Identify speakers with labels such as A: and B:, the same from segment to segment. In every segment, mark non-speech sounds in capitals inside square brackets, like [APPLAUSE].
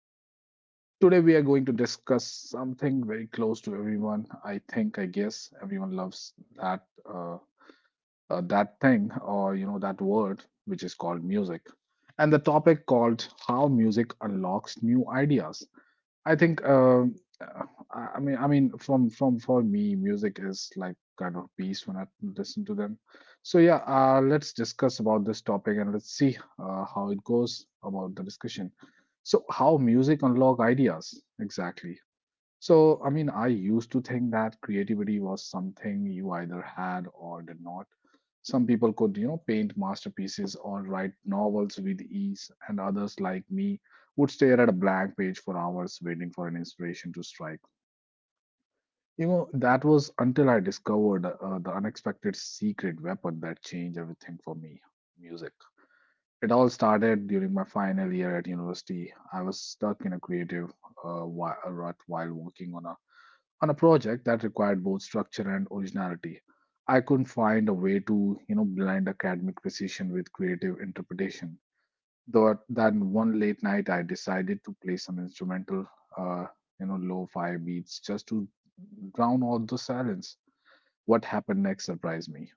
A: Sachin. Today, we are going to discuss something very close to everyone. I think, I guess, everyone loves that that thing or you know that word, which is called music, and the topic called how music unlocks new ideas. I think I mean from for me music is like kind of peace when I listen to them. So yeah, let's discuss about this topic and let's see how it goes about the discussion. So how music unlock ideas exactly? So I mean I used to think that creativity was something you either had or did not. Some people could, you know, paint masterpieces or write novels with ease, and others, like me, would stare at a blank page for hours waiting for an inspiration to strike. You know, that was until I discovered the unexpected secret weapon that changed everything for me music. It all started during my final year at university. I was stuck in a creative rut while working on a project that required both structure and originality. I couldn't find a way to, you know, blend academic precision with creative interpretation. Though that one late night, I decided to play some instrumental, uh, you know, lo-fi beats just to drown out the silence. What happened next surprised me.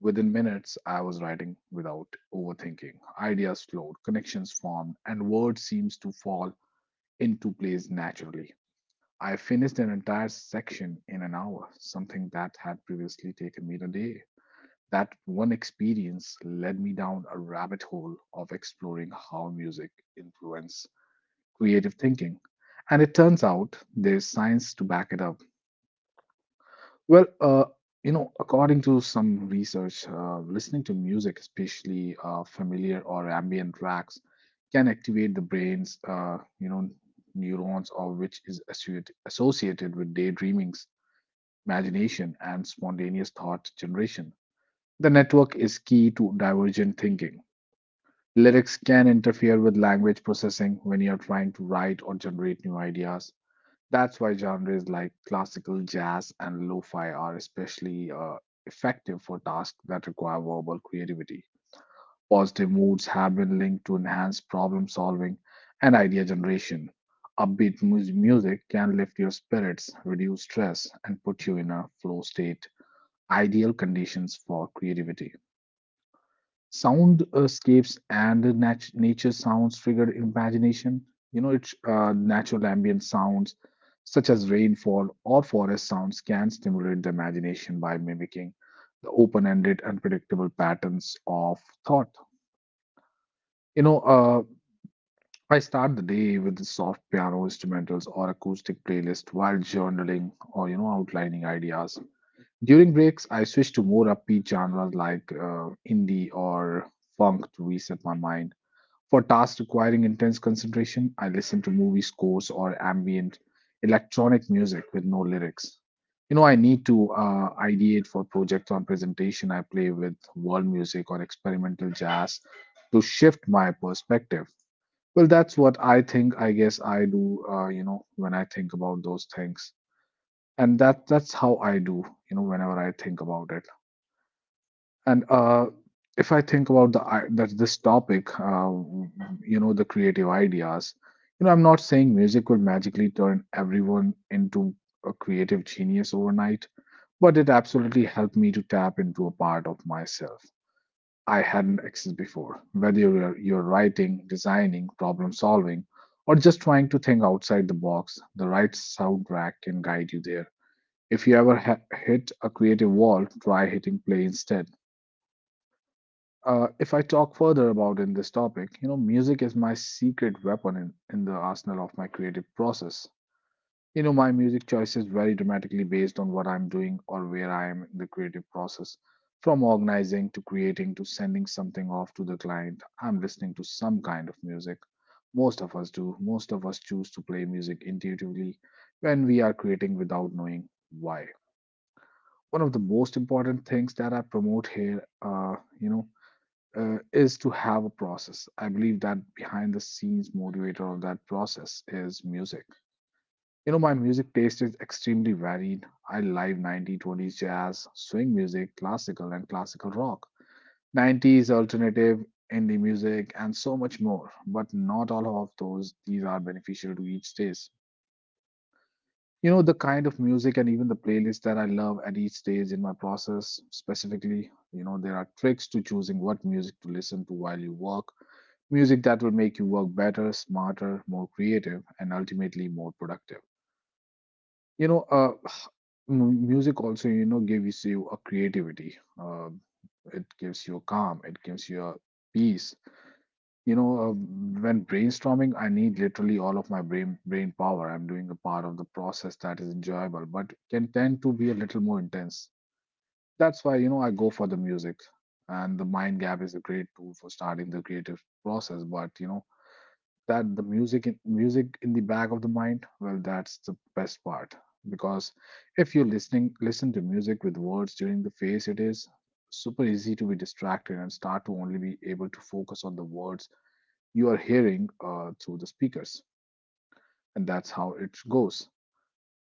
A: Within minutes, I was writing without overthinking. Ideas flowed, connections formed, and words seems to fall into place naturally. I finished an entire section in an hour, something that had previously taken me a day. That one experience led me down a rabbit hole of exploring how music influences creative thinking. And it turns out there's science to back it up. Well, you know, according to some research, listening to music, especially familiar or ambient tracks, can activate the brain's, you know, neurons or which is associated with daydreamings, imagination, and spontaneous thought generation. The network is key to divergent thinking. Lyrics can interfere with language processing when you're trying to write or generate new ideas. That's why genres like classical, jazz, and lo fi are especially effective for tasks that require verbal creativity. Positive moods have been linked to enhanced problem solving and idea generation. Music can lift your spirits, reduce stress, and put you in a flow state, ideal conditions for creativity. Soundscapes and nature sounds trigger imagination. You know, it's natural ambient sounds such as rainfall or forest sounds can stimulate the imagination by mimicking the open-ended, unpredictable patterns of thought. You know, I start the day with the soft piano instrumentals or acoustic playlist while journaling or you know outlining ideas. During breaks, I switch to more upbeat genres like indie or funk to reset my mind. For tasks requiring intense concentration, I listen to movie scores or ambient electronic music with no lyrics. You know, I need to ideate for projects on presentation. I play with world music or experimental jazz to shift my perspective. Well, that's what I think. I guess I do. You know, when I think about those things, and that's how I do. You know, whenever I think about it. And if I think about that this topic, you know, the creative ideas, you know, I'm not saying music will magically turn everyone into a creative genius overnight, but it absolutely helped me to tap into a part of myself I hadn't accessed before. Whether you're writing, designing, problem solving, or just trying to think outside the box, the right soundtrack can guide you there. If you ever hit a creative wall, try hitting play instead. If I talk further about in this topic, you know, music is my secret weapon in the arsenal of my creative process. You know, my music choices vary dramatically based on what I'm doing or where I am in the creative process. From organizing to creating to sending something off to the client, I'm listening to some kind of music. Most of us do. Most of us choose to play music intuitively when we are creating without knowing why. One of the most important things that I promote here, you know, is to have a process. I believe that behind the scenes motivator of that process is music. You know, my music taste is extremely varied. I like 1920s jazz, swing music, classical, and classical rock, 90s alternative, indie music, and so much more. But not all of those, these are beneficial to each stage. You know, the kind of music and even the playlist that I love at each stage in my process, specifically, you know, there are tricks to choosing what music to listen to while you work, music that will make you work better, smarter, more creative, and ultimately more productive. You know, [SIGHS] music also you know gives you a creativity. It gives you a calm. It gives you a peace. You know, when brainstorming, I need literally all of my brain power. I'm doing a part of the process that is enjoyable, but can tend to be a little more intense. That's why you know I go for the music. And the mind gap is a great tool for starting the creative process, but you know that the music in, music in the back of the mind, well that's the best part because if you're listen to music with words during the phase, it is super easy to be distracted and start to only be able to focus on the words you are hearing through the speakers. And that's how it goes,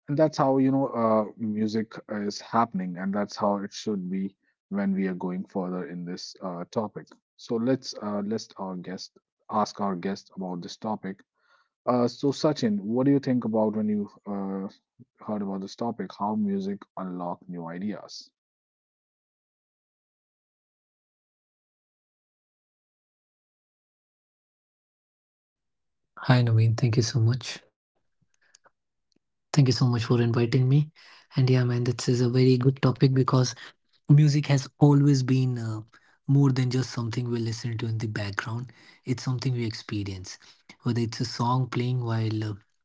A: and that's how you know music is happening, and that's how it should be. When we are going further in this topic, so let's let our guest ask our guest about this topic. So Sachin, what do you think about when you heard about this topic? How music unlock new ideas?
B: Hi Naveen, thank you so much. Thank you so much for inviting me. And yeah, man, this is a very good topic because music has always been more than just something we listen to in the background. It's something we experience. Whether it's a song playing while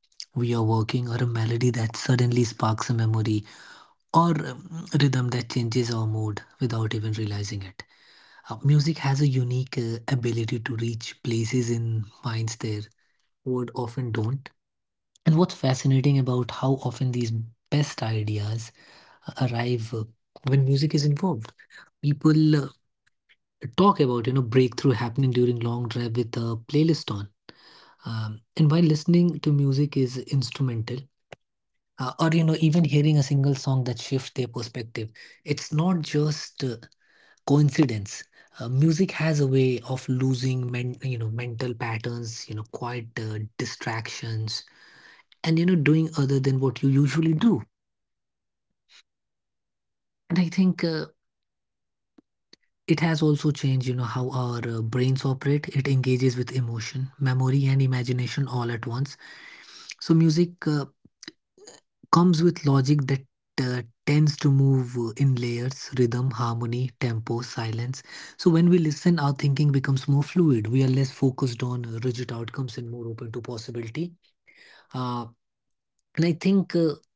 B: we are working, or a melody that suddenly sparks a memory, or rhythm that changes our mood without even realizing it. Music has a unique ability to reach places in minds there word often don't. And what's fascinating about how often these best ideas arrive when music is involved. People talk about breakthrough happening during long drive with a playlist on, and while listening to music is instrumental, or even hearing a single song that shifts their perspective, it's not just coincidence. Music has a way of losing mental patterns, quiet distractions, and doing other than what you usually do. And I think it has also changed, you know, how our brains operate. It engages with emotion, memory, and imagination all at once. So music comes with logic that uh, tends to move in layers, rhythm, harmony, tempo, silence. So when we listen, our thinking becomes more fluid. We are less focused on rigid outcomes and more open to possibility. Uh, and I think.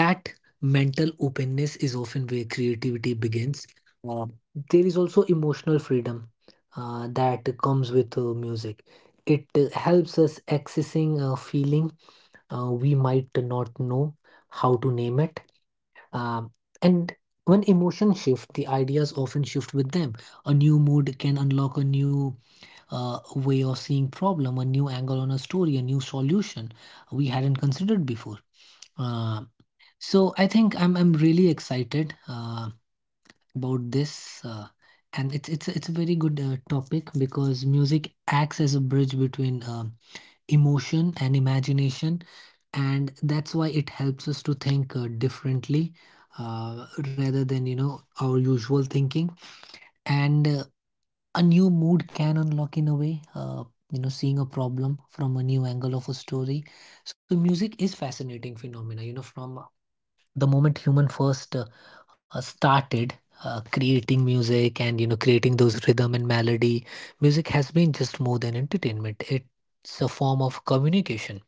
B: That mental openness is often where creativity begins. Uh, there is also emotional freedom that comes with music. It helps us accessing a feeling we might not know how to name it. Um, and when emotions shift, the ideas often shift with them. A new mood can unlock a new way of seeing problem, a new angle on a story, a new solution we hadn't considered before. Uh, so I think I'm really excited about this, and it's a very good topic because music acts as a bridge between emotion and imagination, and that's why it helps us to think differently rather than our usual thinking. And a new mood can unlock in a way, seeing a problem from a new angle of a story. So music is fascinating phenomena, you know, from the moment human first started creating music and creating those rhythm and melody. Music has been just more than entertainment, it's a form of communication,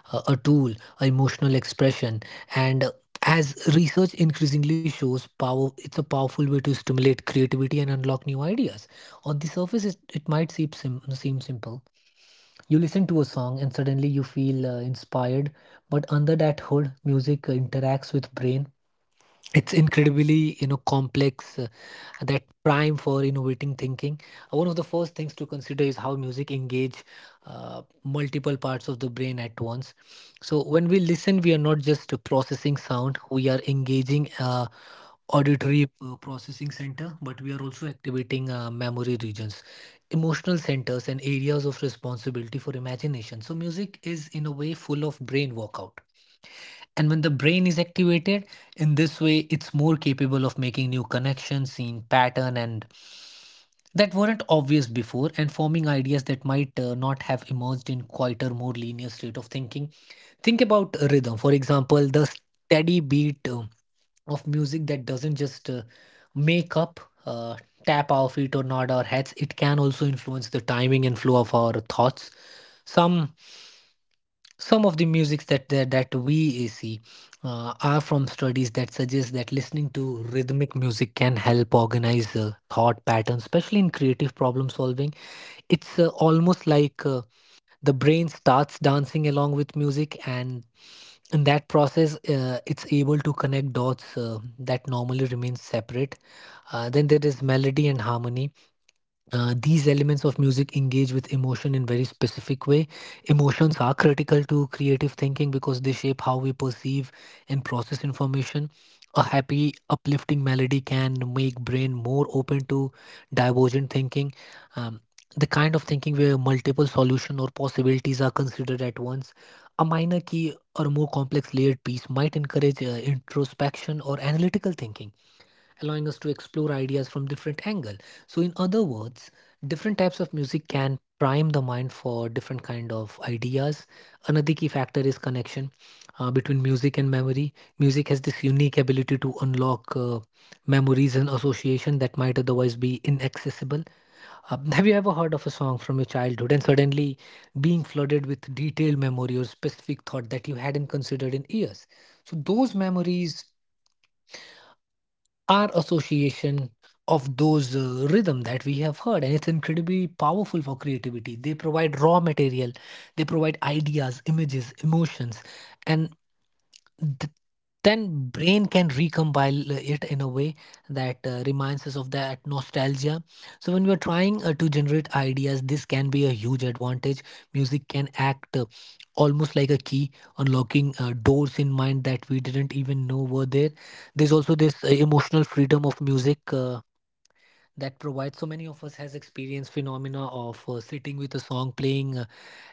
B: a tool, a emotional expression, and as research increasingly shows power, it's a powerful way to stimulate creativity and unlock new ideas. On the surface it might seem simple. You listen to a song and suddenly you feel inspired, but under that hood music interacts with brain. It's incredibly complex that prime for innovating thinking. One of the first things to consider is how music engage multiple parts of the brain at once. So when we listen we are not just processing sound, we are engaging auditory processing center, but we are also activating memory regions, emotional centers and areas of responsibility for imagination. So music is in a way full of brain workout. And when the brain is activated, in this way, it's more capable of making new connections, seeing pattern and that weren't obvious before, and forming ideas that might not have emerged in quieter, more linear state of thinking. Think about rhythm, for example, the steady beat of music that doesn't just make up, tap our feet or nod our heads. It can also influence the timing and flow of our thoughts. Some some of the musics that we see are from studies that suggest that listening to rhythmic music can help organize thought patterns, especially in creative problem solving. It's almost like the brain starts dancing along with music, and in that process, it's able to connect dots that normally remain separate. Then there is melody and harmony, these elements of music engage with emotion in very specific way. Emotions are critical to creative thinking because they shape how we perceive and process information. A happy uplifting melody can make brain more open to divergent thinking, um, the kind of thinking where multiple solution or possibilities are considered at once. A minor key or more complex layered piece might encourage introspection or analytical thinking, allowing us to explore ideas from different angle. So in other words, different types of music can prime the mind for different kind of ideas. Another key factor is connection between music and memory. Music has this unique ability to unlock memories and association that might otherwise be inaccessible. [LAUGHS] Have you ever heard of a song from your childhood and suddenly being flooded with detailed memory or specific thought that you hadn't considered in years? So those memories, our association of those rhythm that we have heard, and it's incredibly powerful for creativity. They provide raw material, they provide ideas, images, emotions, and th- then brain can recompile it in a way that reminds us of that nostalgia. So when we are trying to generate ideas, this can be a huge advantage. Music can act almost like a key unlocking doors in mind that we didn't even know were there. There's also this emotional freedom of music that provides. So many of us has experienced phenomena of sitting with a song playing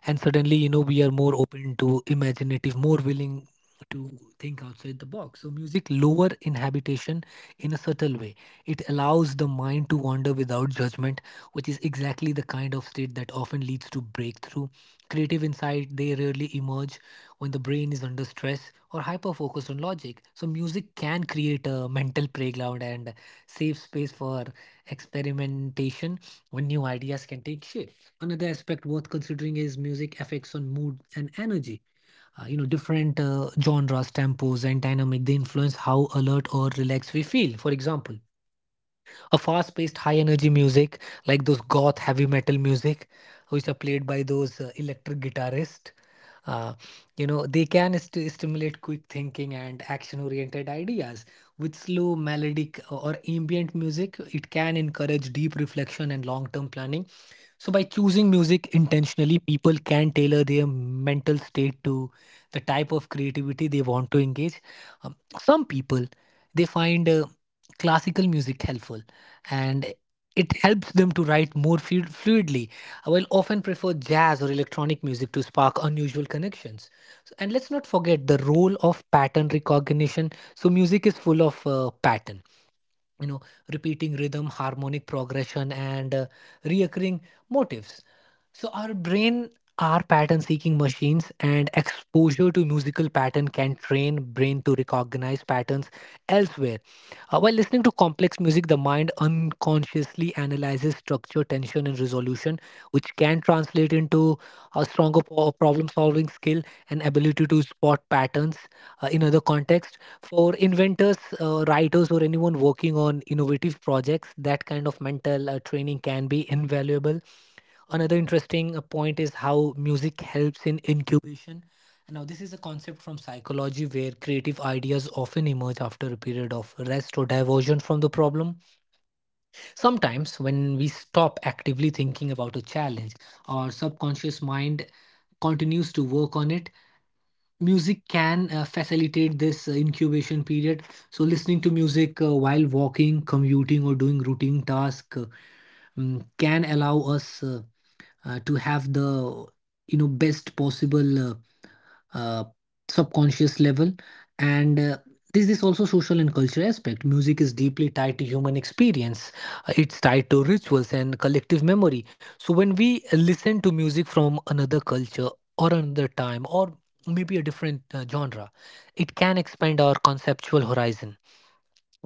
B: and suddenly we are more open to imaginative, more willing to think outside the box. So music lower inhabitation in a subtle way, it allows the mind to wander without judgment, which is exactly the kind of state that often leads to breakthrough. Creative insight they rarely emerge when the brain is under stress or hyper focused on logic. So music can create a mental playground and safe space for experimentation when new ideas can take shape. Another aspect worth considering is music effects on mood and energy. You know, different genres, tempos, and dynamic they influence how alert or relaxed we feel. For example, a fast paced high energy music like those goth heavy metal music which are played by those electric guitarists, uh, you know they can stimulate quick thinking and action oriented ideas. With slow melodic or ambient music, it can encourage deep reflection and long term planning. So, by choosing music intentionally, people can tailor their mental state to the type of creativity they want to engage. Some people they find classical music helpful, and it helps them to write more fluidly. While often prefer jazz or electronic music to spark unusual connections. So, and let's not forget the role of pattern recognition. So, music is full of pattern, you know, repeating rhythm, harmonic progression and reoccurring motifs. So our brain are pattern seeking machines, and exposure to musical pattern can train brain to recognize patterns elsewhere. While listening to complex music, the mind unconsciously analyzes structure, tension and resolution, which can translate into a stronger problem solving skill and ability to spot patterns in other contexts. For inventors, writers, or anyone working on innovative projects, that kind of mental training can be invaluable. Another interesting point is how music helps in incubation. Now, this is a concept from psychology where creative ideas often emerge after a period of rest or diversion from the problem. Sometimes, when we stop actively thinking about a challenge, our subconscious mind continues to work on it. Music can facilitate this incubation period. So, listening to music while walking, commuting, or doing routine tasks, can allow us to have the best possible uh, subconscious level. And this is also social and cultural aspect. Music is deeply tied to human experience. It's tied to rituals and collective memory. So when we listen to music from another culture or another time, or maybe a different genre, it can expand our conceptual horizon.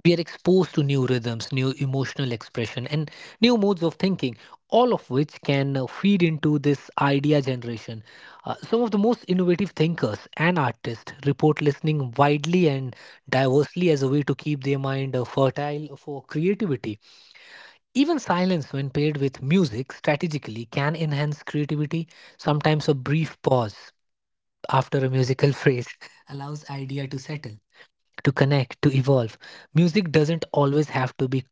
B: We are exposed to new rhythms, new emotional expression, and new modes of thinking, all of which can feed into this idea generation. Some of the most innovative thinkers and artists report listening widely and diversely as a way to keep their mind fertile for creativity. Even silence, when paired with music strategically, can enhance creativity. Sometimes a brief pause after a musical phrase [LAUGHS] allows idea to settle, to connect, to evolve. Music doesn't always have to be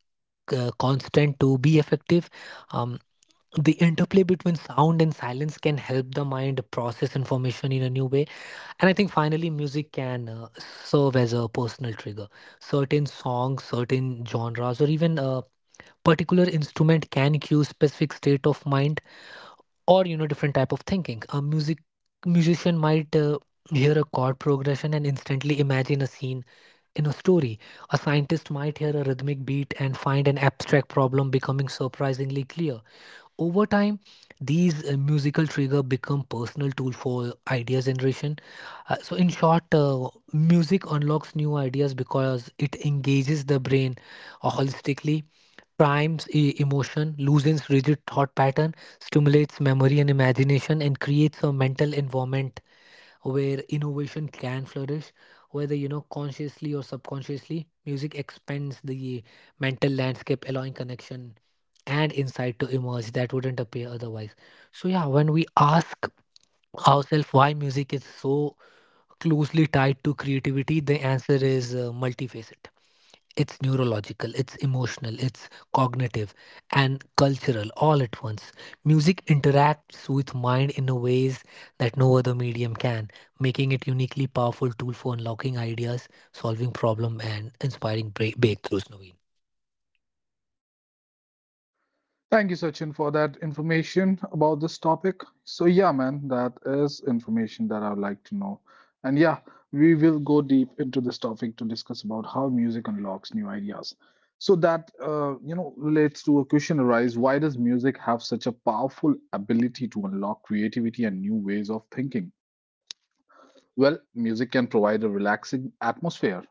B: constant to be effective. Um, the interplay between sound and silence can help the mind process information in a new way. And I think finally, music can serve as a personal trigger. Certain songs, certain genres, or even a particular instrument can cue specific state of mind or different type of thinking. A musician might hear a chord progression and instantly imagine a scene in a story. A scientist might hear a rhythmic beat and find an abstract problem becoming surprisingly clear over time. These musical trigger become personal tool for idea generation. So in short, music unlocks new ideas because it engages the brain holistically, primes emotion, loosens rigid thought pattern, stimulates memory and imagination, and creates a mental environment where innovation can flourish, whether consciously or subconsciously. Music expands the mental landscape, allowing connection and insight to emerge that wouldn't appear otherwise. So yeah, when we ask ourselves why music is so closely tied to creativity, the answer is multifaceted. It's neurological, it's emotional, it's cognitive, and cultural all at once. Music interacts with mind in a ways that no other medium can, making it uniquely powerful tool for unlocking ideas, solving problem, and inspiring breakthroughs, Naveen.
A: Thank you, Sachin, for that information about this topic. So, yeah, man, that is information that I would like to know. And yeah, we will go deep into this topic to discuss about how music unlocks new ideas. So that you know relates to a question arise: Why does music have such a powerful ability to unlock creativity and new ways of thinking? Well, music can provide a relaxing atmosphere.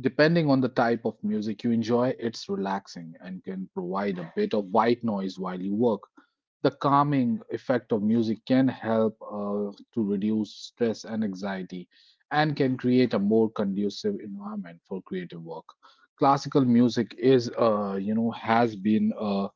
A: Depending on the type of music you enjoy, it's relaxing and can provide a bit of white noise while you work. The calming effect of music can help to reduce stress and anxiety and can create a more conducive environment for creative work. Classical music is you know has been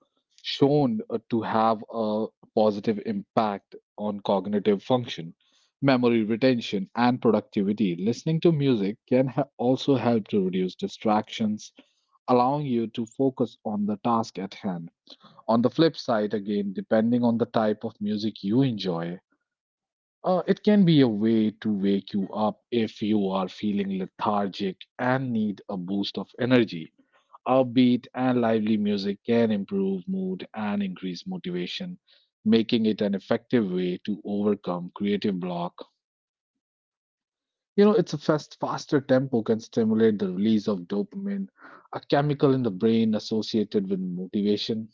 A: shown to have a positive impact on cognitive function, memory retention, and productivity. Listening to music can also help to reduce distractions, allowing you to focus on the task at hand. On the flip side, again, depending on the type of music you enjoy, it can be a way to wake you up if you are feeling lethargic and need a boost of energy. Upbeat and lively music can improve mood and increase motivation, making it an effective way to overcome creative block. You know, it's a fast, faster tempo can stimulate the release of dopamine, a chemical in the brain associated with motivation.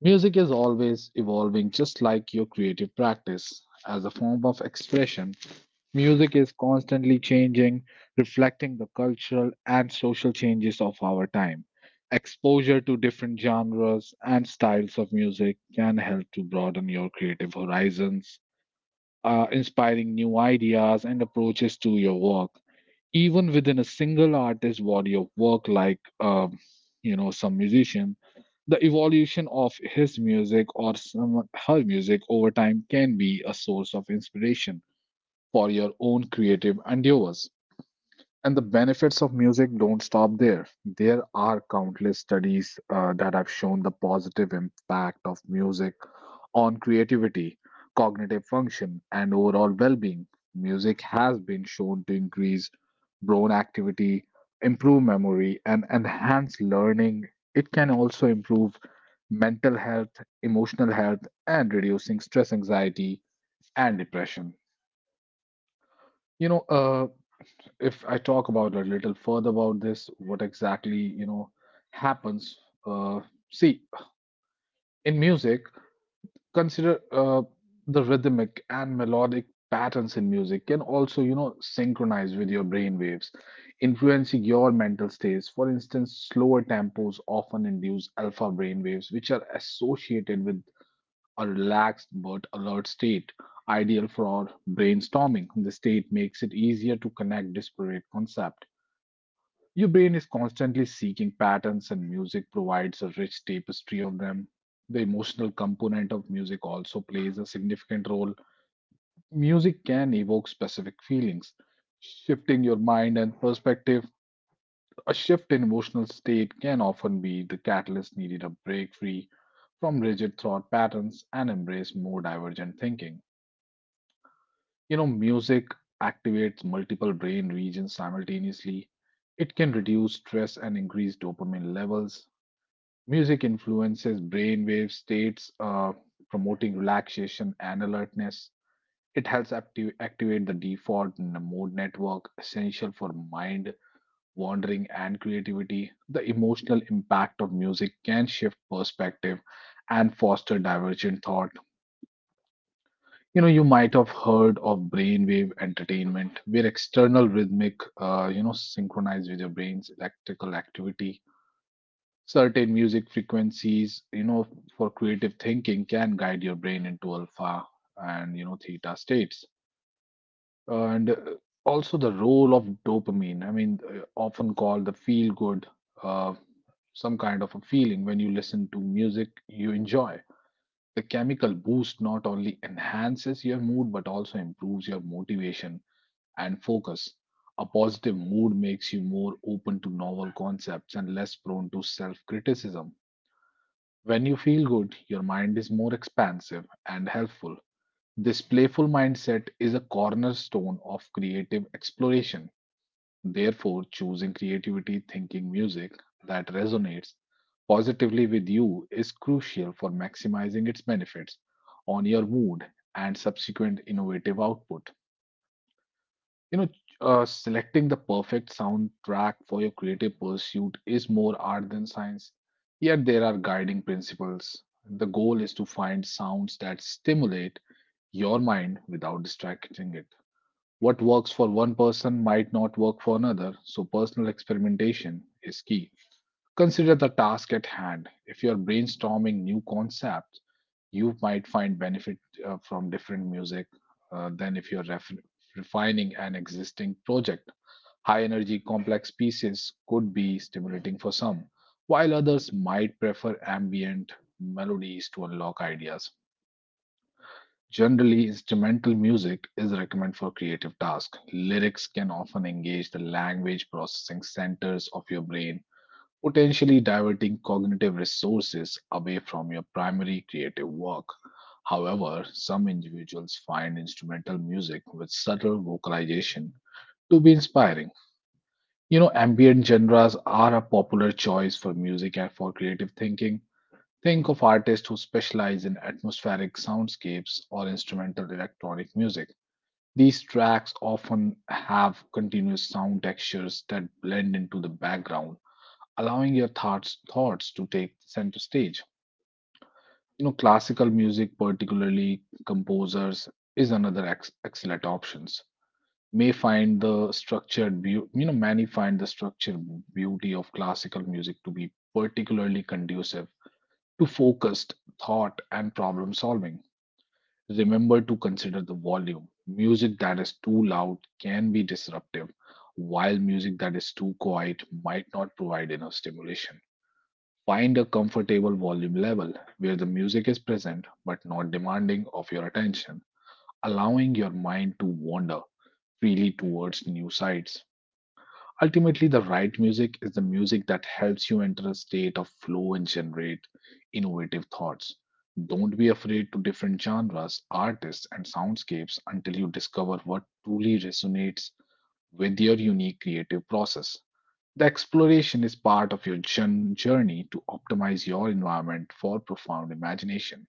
A: Music is always evolving, just like your creative practice. As a form of expression, music is constantly changing, reflecting the cultural and social changes of our time. Exposure to different genres and styles of music can help to broaden your creative horizons, inspiring new ideas and approaches to your work. Even within a single artist's body of work, like you know some musician, the evolution of his music or some, her music over time can be a source of inspiration for your own creative endeavors. And the benefits of music don't stop there. There are countless studies that have shown the positive impact of music on creativity, cognitive function, and overall well being. Music has been shown to increase brain activity, improve memory, and enhance learning. It can also improve mental health, emotional health, and reducing stress, anxiety, and depression. You know, if I talk about a little further about this, what exactly you know happens? Uh, See, in music, consider the rhythmic and melodic patterns in music can also you know synchronize with your brain waves, influencing your mental states. For instance, slower tempos often induce alpha brain waves, which are associated with a relaxed but alert state. Ideal for brainstorming. The state makes it easier to connect disparate concepts. Your brain is constantly seeking patterns, and music provides a rich tapestry of them. The emotional component of music also plays a significant role. Music can evoke specific feelings, shifting your mind and perspective. A shift in emotional state can often be the catalyst needed to break free from rigid thought patterns and embrace more divergent thinking. You know, music activates multiple brain regions simultaneously. It can reduce stress and increase dopamine levels. Music influences brainwave states, promoting relaxation and alertness. It helps activate the default mode network, essential for mind wandering and creativity. The emotional impact of music can shift perspective and foster divergent thought. You know, you might have heard of brainwave entertainment, where external rhythmic, you know, synchronized with your brain's electrical activity. Certain music frequencies, you know, for creative thinking can guide your brain into alpha and, you know, theta states. And Also the role of dopamine. Often called the feel good, uh, some kind of a feeling when you listen to music you enjoy. The chemical boost not only enhances your mood but also improves your motivation and focus. A positive mood makes you more open to novel concepts and less prone to self criticism. When you feel good, your mind is more expansive and helpful. This playful mindset is a cornerstone of creative exploration. Therefore, choosing creativity, thinking, music that resonates positively with you is crucial for maximizing its benefits on your mood and subsequent innovative output. You know, Selecting the perfect soundtrack for your creative pursuit is more art than science, yet there are guiding principles. The goal is to find sounds that stimulate your mind without distracting it. What works for one person might not work for another, so personal experimentation is key. Consider the task at hand. If you're brainstorming new concepts, you might find benefit from different music than if you're refining an existing project. High energy complex pieces could be stimulating for some, while others might prefer ambient melodies to unlock ideas. Generally, instrumental music is recommended for creative tasks. Lyrics can often engage the language processing centers of your brain, potentially diverting cognitive resources away from your primary creative work. However, some individuals find instrumental music with subtle vocalization to be inspiring. You know, ambient genres are a popular choice for music and for creative thinking. Think of artists who specialize in atmospheric soundscapes or instrumental electronic music. These tracks often have continuous sound textures that blend into the background, allowing your thoughts to take center stage. You know, classical music, particularly composers, is another excellent option. May find the structured beauty, many find the structured beauty of classical music to be particularly conducive to focused thought and problem solving. Remember to consider the volume. Music that is too loud can be disruptive, while music that is too quiet might not provide enough stimulation. Find a comfortable volume level where the music is present but not demanding of your attention, allowing your mind to wander freely towards new sights. Ultimately, the right music is the music that helps you enter a state of flow and generate innovative thoughts. Don't be afraid to different genres, artists, and soundscapes until you discover what truly resonates with your unique creative process. The exploration is part of your journey to optimize your environment for profound imagination.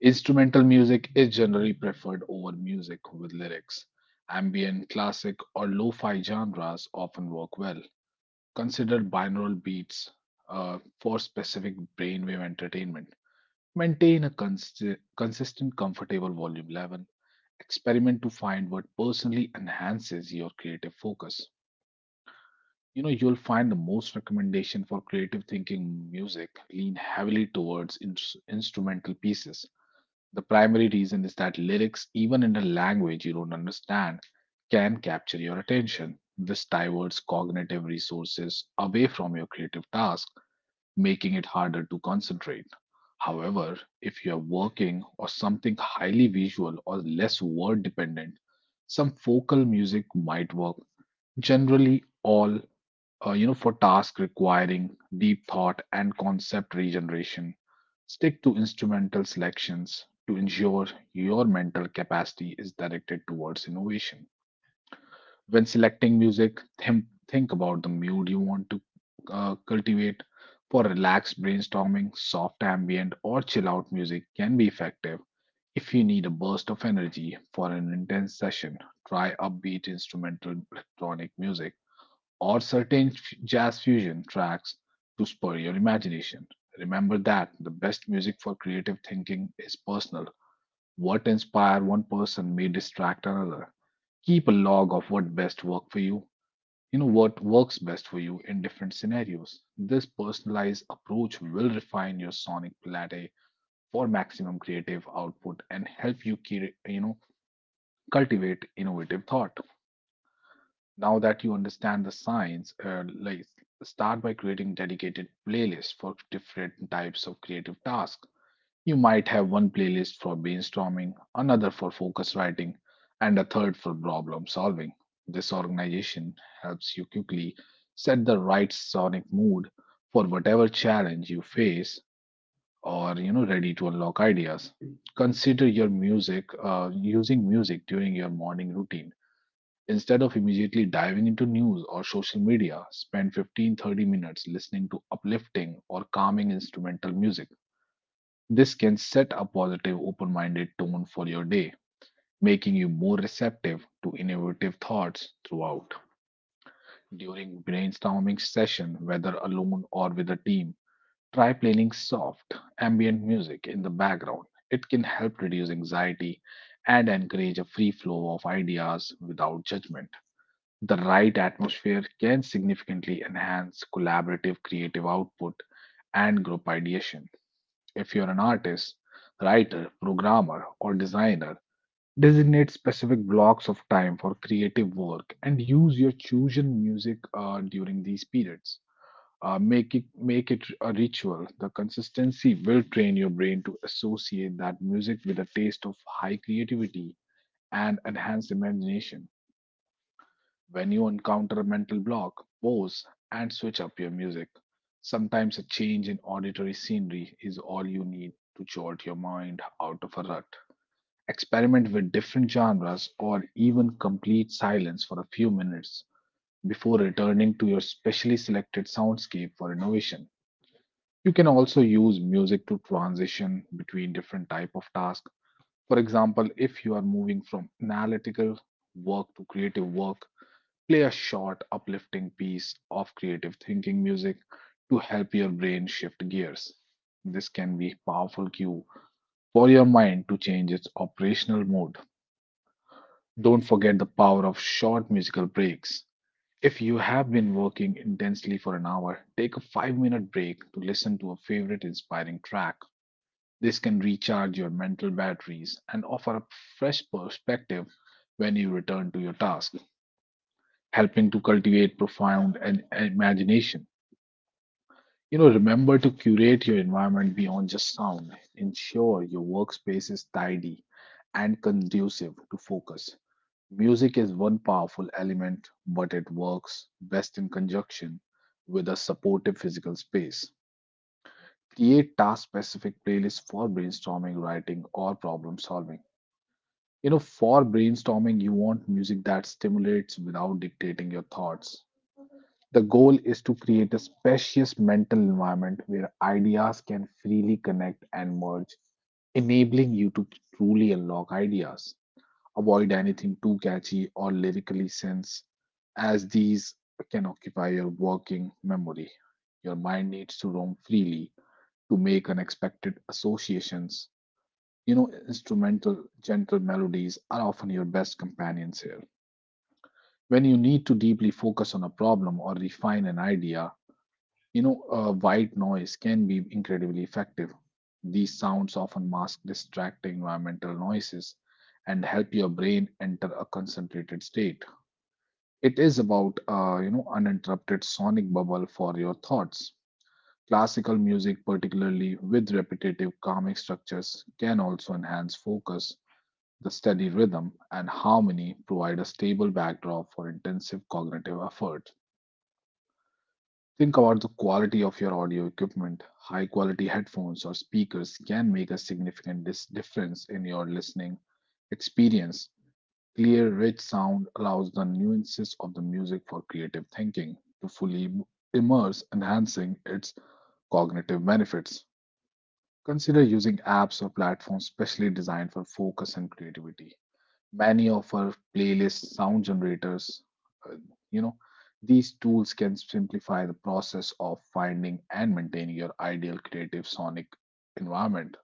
A: Instrumental music is generally preferred over music with lyrics. Ambient, classic, or lo fi genres often work well. Consider binaural beats for specific brainwave entertainment. Maintain a consistent, comfortable volume level. Experiment to find what personally enhances your creative focus. You know, you'll find the most recommendation for creative thinking music lean heavily towards instrumental pieces. The primary reason is that lyrics, even in a language you don't understand, can capture your attention. This diverts cognitive resources away from your creative task, making it harder to concentrate. However, if you are working on something highly visual or less word dependent, some focal music might work. Generally, all you know, for tasks requiring deep thought and concept regeneration, stick to instrumental selections to ensure your mental capacity is directed towards innovation. When selecting music, think about the mood you want to cultivate. For relaxed brainstorming, soft ambient or chill out music can be effective. If you need a burst of energy for an intense session, try upbeat instrumental electronic music or certain jazz fusion tracks to spur your imagination. Remember that the best music for creative thinking is personal. What inspires one person may distract another. Keep a log of what best worked for you you know what works best for you in different scenarios. This personalized approach will refine your sonic palette for maximum creative output and help you cre- you know cultivate innovative thought. Now that you understand the science, start by creating dedicated playlists for different types of creative tasks. You might have one playlist for brainstorming, another for focus writing, and a third for problem solving. This organization helps you quickly set the right sonic mood for whatever challenge you face, or you know, ready to unlock ideas. Consider your music Using music during your morning routine. Instead of immediately diving into news or social media, spend 15 30 minutes listening to uplifting or calming instrumental music. This can set a positive, open minded tone for your day, making you more receptive to innovative thoughts throughout. During brainstorming session, whether alone or with a team, try playing soft, ambient music in the background. It can help reduce anxiety and encourage a free flow of ideas without judgment. The right atmosphere can significantly enhance collaborative creative output and group ideation. If you're an artist, writer, programmer, or designer, designate specific blocks of time for creative work and use your chosen music during these periods. Make it a ritual. The consistency will train your brain to associate that music with a taste of high creativity and enhanced imagination. When you encounter a mental block, pause and switch up your music. Sometimes a change in auditory scenery is all you need to jolt your mind out of a rut. Experiment with different genres or even complete silence for a few minutes before returning to your specially selected soundscape for innovation. You can also use music to transition between different type of tasks. For example, if you are moving from analytical work to creative work, play a short, uplifting piece of creative thinking music to help your brain shift gears. This can be a powerful cue for your mind to change its operational mode. Don't forget the power of short musical breaks. If you have been working intensely for an hour, take a 5-minute break to listen to a favorite inspiring track. This can recharge your mental batteries and offer a fresh perspective when you return to your task, helping to cultivate profound and imagination. You know, remember to curate your environment beyond just sound. Ensure your workspace is tidy and conducive to focus. Music is one powerful element, but it works best in conjunction with a supportive physical space. Create task specific playlists for brainstorming, writing, or problem solving. You know, for brainstorming, you want music that stimulates without dictating your thoughts. The goal is to create a spacious mental environment where ideas can freely connect and merge, enabling you to truly unlock ideas. Avoid anything too catchy or lyrically sense, as these can occupy your working memory. Your mind needs to roam freely to make unexpected associations. You know, instrumental, gentle melodies are often your best companions here. When you need to deeply focus on a problem or refine an idea, white noise can be incredibly effective. These sounds often mask distracting environmental noises and help your brain enter a concentrated state. It is about, uninterrupted sonic bubble for your thoughts. Classical music, particularly with repetitive calming structures, can also enhance focus. The steady rhythm and harmony provide a stable backdrop for intensive cognitive effort. Think about the quality of your audio equipment. High quality headphones or speakers can make a significant difference in your listening experience. Clear, rich sound allows the nuances of the music for creative thinking to fully immerse, enhancing its cognitive benefits. Consider using apps or platforms specially designed for focus and creativity. Many of our playlist sound generators, uh, you know these tools can simplify the process of finding and maintaining your ideal creative sonic environment.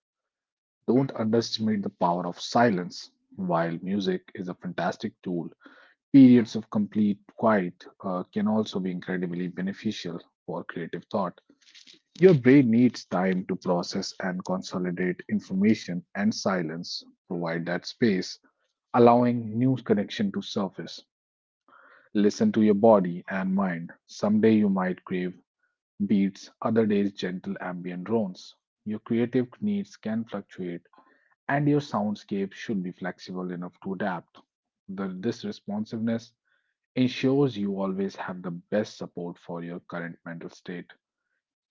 A: Don't underestimate the power of silence. While music is a fantastic tool, periods of complete quiet can also be incredibly beneficial for creative thought. Your brain needs time to process and consolidate information, and silence provide that space, allowing new connection to surface. Listen to your body and mind. Someday you might crave beats, other days gentle ambient drones. Your creative needs can fluctuate, and your soundscape should be flexible enough to adapt. This responsiveness ensures you always have the best support for your current mental state.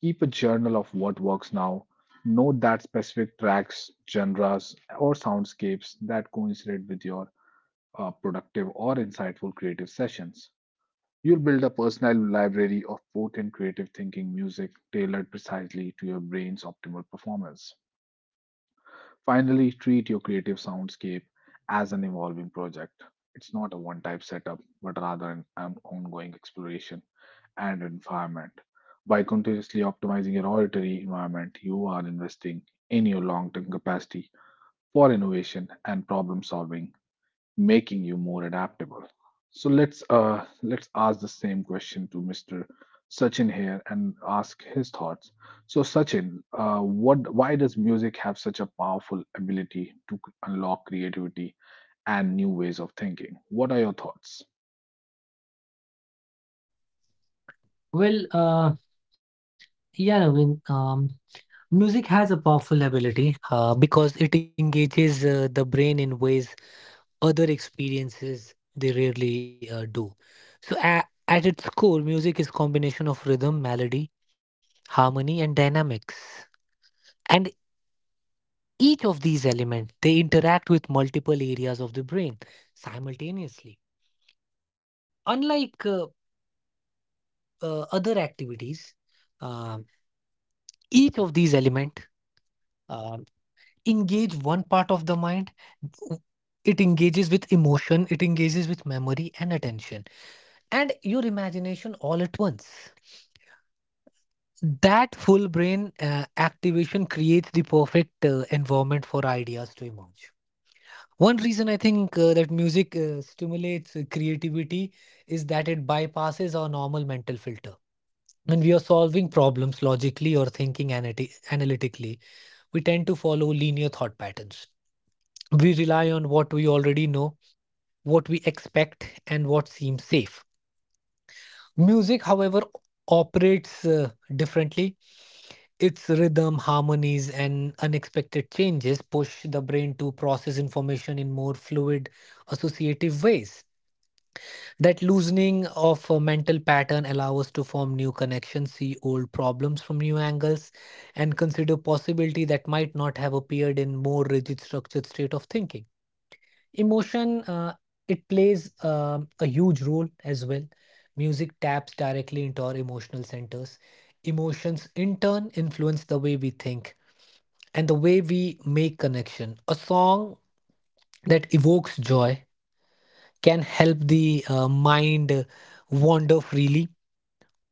A: Keep a journal of what works now. Note that specific tracks, genres, or soundscapes that coincide with your productive or insightful creative sessions. You'll build a personal library of potent creative thinking music tailored precisely to your brain's optimal performance. Finally, treat your creative soundscape as an evolving project. It's not a one type setup, but rather an ongoing exploration and environment. By continuously optimizing your auditory environment, you are investing in your long term capacity for innovation and problem solving making you more adaptable. So let's ask the same question to Mr. Sachin here and ask his thoughts. So Sachin, what why does music have such a powerful ability to unlock creativity and new ways of thinking? What are your thoughts?
B: Well, yeah, Naveen, music has a powerful ability. Because it engages the brain in ways other experiences they rarely do. So a at its core, music is combination of rhythm, melody, harmony, and dynamics. And each of these elements they interact with multiple areas of the brain simultaneously. Unlike other activities, um each of these elements um engage one part of the mind. W- It engages with emotion, it engages with memory and attention, and your imagination all at once. That full brain activation creates the perfect environment for ideas to emerge. One reason I think that music stimulates creativity is that it bypasses our normal mental filter. When we are solving problems logically or thinking analytically, we tend to follow linear thought patterns. We rely on what we already know, what we expect, and what seems safe. Music, however, operates differently. Its rhythm, harmonies, and unexpected changes push the brain to process information in more fluid, associative ways. That loosening of a mental pattern allows us to form new connections, see old problems from new angles, and consider possibility that might not have appeared in more rigid structured state of thinking. Emotion, it plays a huge role as well. Music taps directly into our emotional centers. Emotions in turn influence the way we think and the way we make connection. A song that evokes joy can help the mind wander freely,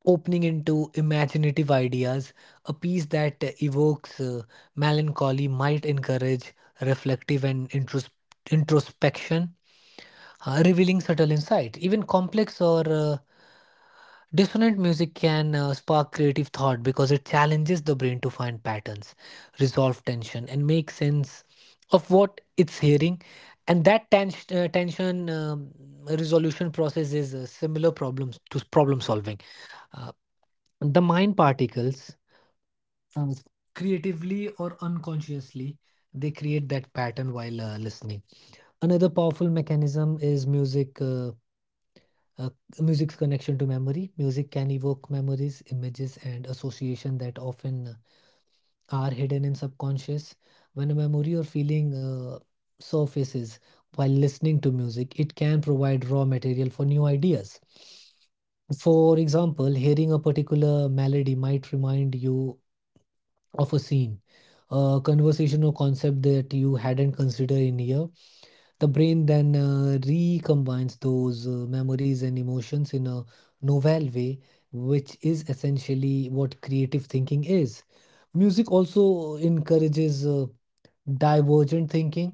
B: opening into imaginative ideas. A piece that evokes melancholy might encourage reflective and introspection, revealing subtle insight. Even complex or dissonant music can spark creative thought because it challenges the brain to find patterns, resolve tension, and make sense of what it's hearing. And that tension resolution process is similar problems to problem solving. Uh, the mind particles, uh, creatively or unconsciously, they create that pattern while listening. Another powerful mechanism is music. Uh, music's connection to memory. Music can evoke memories, images, and association that often are hidden in subconscious. When a memory or feeling surfaces while listening to music, it can provide raw material for new ideas. For example, hearing a particular melody might remind you of a scene, a conversation or concept that you hadn't considered in years. The brain then recombines those memories and emotions in a novel way, which is essentially what creative thinking is. Music also encourages divergent thinking,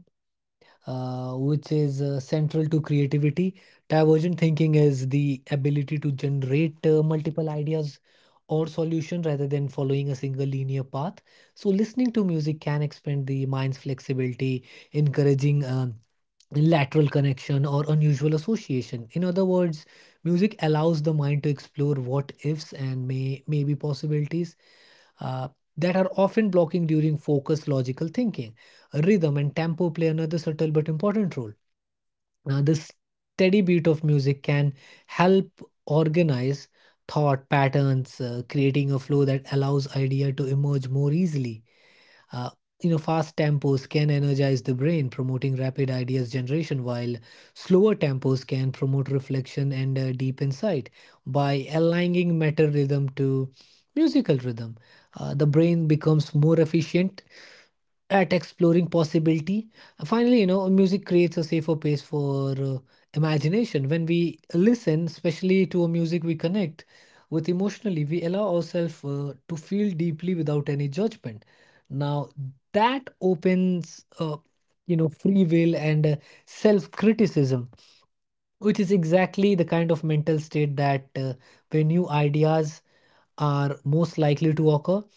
B: which is central to creativity. Divergent thinking is the ability to generate multiple ideas or solution rather than following a single linear path. So listening to music can expand the mind's flexibility, encouraging lateral connection or unusual association. In other words, music allows the mind to explore what ifs and maybe possibilities uh, that are often blocking during focused logical thinking. Rhythm and tempo play another subtle but important role. Now, this steady beat of music can help organize thought patterns, creating a flow that allows idea to emerge more easily. Uh, fast tempos can energize the brain, promoting rapid ideas generation, while slower tempos can promote reflection and deep insight by aligning matter rhythm to musical rhythm. The brain becomes more efficient at exploring possibility. Finally, music creates a safer space for imagination. When we listen, especially to a music we connect with emotionally, we allow ourselves to feel deeply without any judgment. Now, that opens, free will and self criticism, which is exactly the kind of mental state that where new ideas are most likely to occur.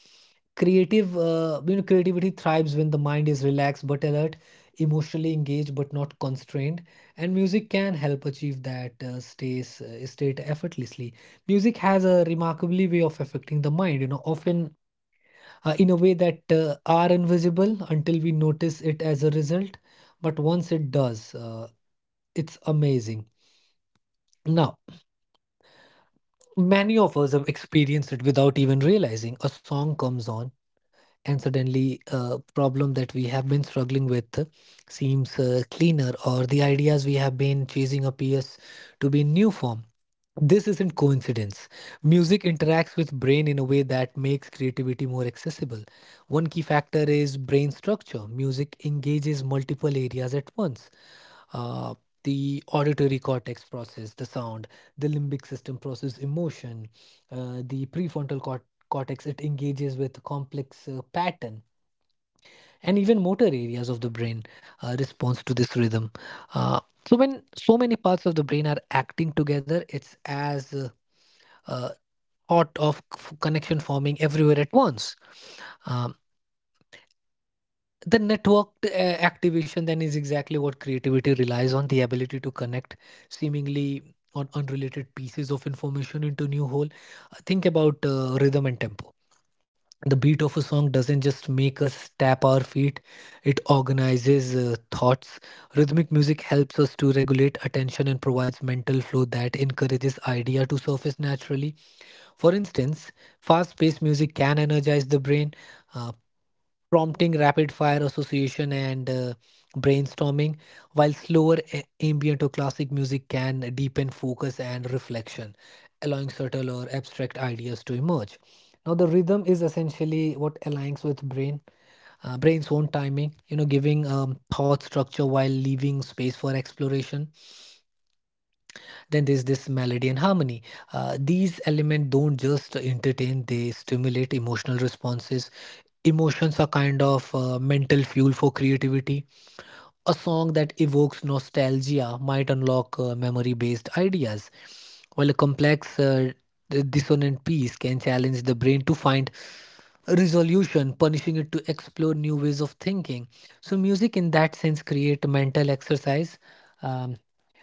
B: Creative, creativity thrives when the mind is relaxed but alert, emotionally engaged but not constrained, and music can help achieve that state effortlessly. Music has a remarkably way of affecting the mind, often in a way that are invisible until we notice it as a result. But once it does, it's amazing. Now, many of us have experienced it without even realizing. A song comes on and suddenly a problem that we have been struggling with seems cleaner, or the ideas we have been chasing appears to be in new form. This isn't coincidence. Music interacts with brain in a way that makes creativity more accessible. One key factor is brain structure. Music engages multiple areas at once. Uh, the auditory cortex process the sound, the limbic system process emotion, the prefrontal cortex it engages with complex pattern, and even motor areas of the brain responds to this rhythm. Uh, so when so many parts of the brain are acting together, it's as uh, thought of connection forming everywhere at once. Um, the networked activation then is exactly what creativity relies on: the ability to connect seemingly on unrelated pieces of information into new whole. Think about rhythm and tempo. The beat of a song doesn't just make us tap our feet, it organizes thoughts. Rhythmic music helps us to regulate attention and provides mental flow that encourages idea to surface naturally. For instance, fast paced music can energize the brain, uh, prompting rapid fire association and brainstorming, while slower ambient or classic music can deepen focus and reflection, allowing subtle or abstract ideas to emerge. Now, the rhythm is essentially what aligns with brain's own timing, giving thought structure while leaving space for exploration. Then there's this melody and harmony. These elements don't just entertain, they stimulate emotional responses. Emotions are kind of mental fuel for creativity. A song that evokes nostalgia might unlock memory based ideas, while a complex, dissonant piece can challenge the brain to find resolution, punishing it to explore new ways of thinking. So, music in that sense create mental exercise um,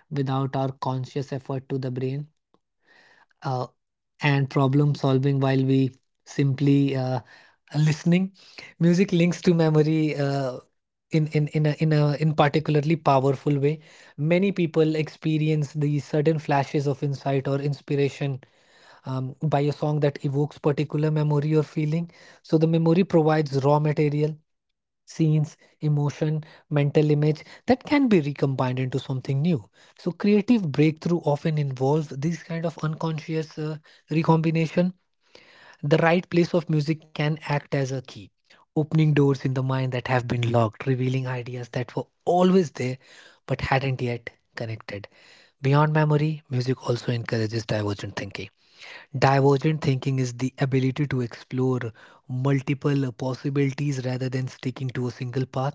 B: without our conscious effort to the brain. Uh, and problem solving while we simply listening. Music links to memory in particularly powerful way. Many people experience these sudden flashes of insight or inspiration by a song that evokes particular memory or feeling. So the memory provides raw material: scenes, emotion, mental image that can be recombined into something new. So creative breakthrough often involve these kind of unconscious recombination. The right place of music can act as a key, opening doors in the mind that have been locked, revealing ideas that were always there but hadn't yet connected. Beyond memory, music also encourages divergent thinking. Divergent thinking is the ability to explore multiple possibilities rather than sticking to a single path,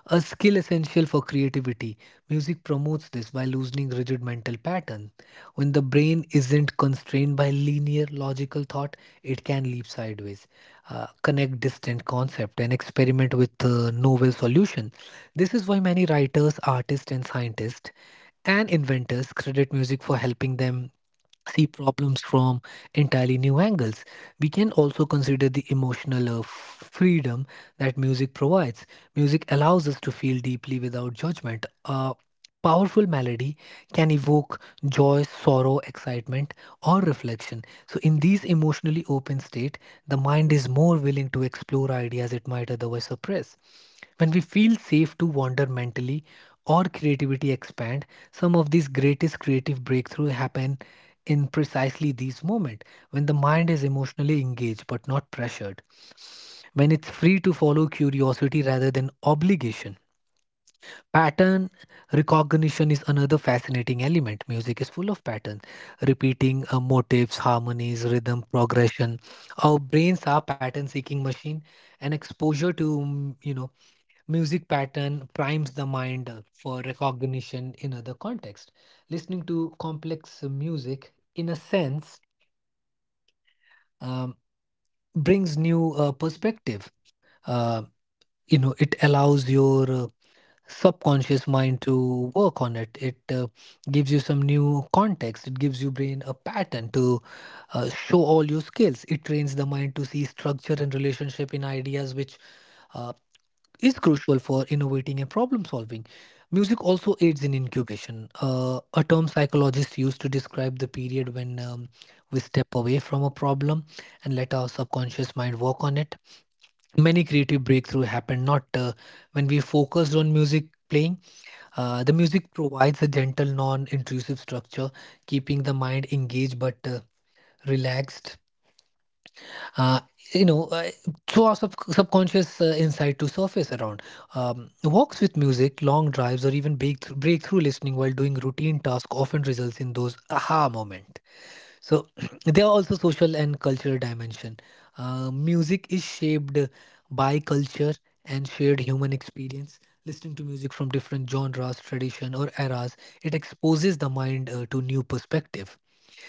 B: a skill essential for creativity. Music promotes this by loosening rigid mental pattern. When the brain isn't constrained by linear logical thought, it can leap sideways, connect distant concept, and experiment with novel solution. This is why many writers, artists, and scientists and inventors credit music for helping them see problems from entirely new angles. We can also consider the emotional freedom that music provides. Music allows us to feel deeply without judgment. A powerful melody can evoke joy, sorrow, excitement, or reflection. So, in these emotionally open state, the mind is more willing to explore ideas it might otherwise suppress. When we feel safe to wander mentally, our creativity expand. Some of these greatest creative breakthrough happen in precisely these moments when the mind is emotionally engaged but not pressured, when it's free to follow curiosity rather than obligation. Pattern recognition is another fascinating element. Music is full of patterns, repeating motifs, harmonies, rhythm, progression. Our brains are pattern seeking machine, and exposure to music pattern primes the mind for recognition in other context. Listening to complex music, in a sense, um, brings new perspective. Uh, it allows your subconscious mind to work on it. It gives you some new context. It gives your brain a pattern to show all your skills. It trains the mind to see structure and relationship in ideas, which. uh, is crucial for innovating and problem solving. Music also aids in incubation, a term psychologists use to describe the period when we step away from a problem and let our subconscious mind work on it. Many creative breakthroughs happen not when we focused on music playing. The music provides a gentle, non intrusive structure, keeping the mind engaged but relaxed, uh, you know, uh, throw our subconscious insight to surface around. Walks with music, long drives, or even breakthrough listening while doing routine tasks often results in those aha moment. So [CLEARS THROAT] there are also social and cultural dimension. Music is shaped by culture and shared human experience. Listening to music from different genres, tradition, or eras, it exposes the mind to new perspective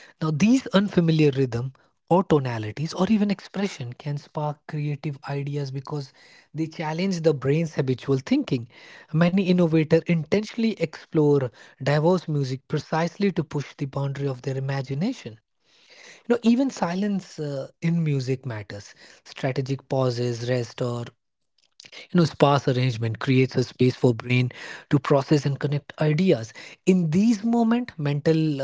B: now, these unfamiliar rhythm or tonalities or even expression can spark creative ideas because they challenge the brain's habitual thinking. Many innovators intentionally explore diverse music precisely to push the boundary of their imagination. You know, even silence in music matters. Strategic pauses, rest, or you know, sparse arrangement creates a space for brain to process and connect ideas. In these moments, mental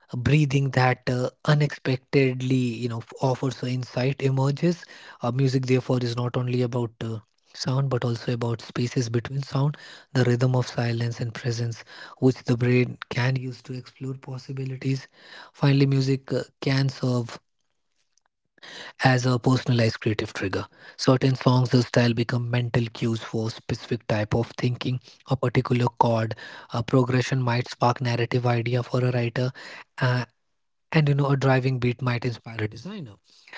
B: breathing that unexpectedly you know offers so insight emerges, music therefore is not only about sound but also about spaces between sound, the rhythm of silence and presence, which the brain can use to explore possibilities. Finally, music can serve as a personalized creative trigger. Certain songs or style become mental cues for specific type of thinking, a particular chord, a progression might spark narrative idea for a writer, uh, and you know, a driving beat might inspire a designer.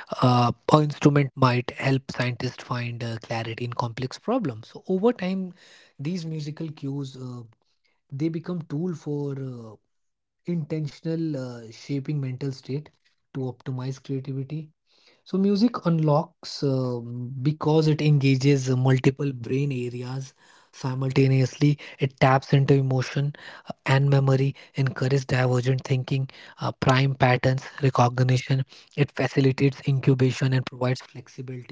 B: An instrument might help scientists find clarity in complex problems. So over time, these musical cues they become tool for intentional shaping mental state to optimize creativity. So music unlocks because it engages multiple brain areas simultaneously. It taps into emotion and memory, encourages divergent thinking, prime patterns recognition. It facilitates incubation and provides flexibility.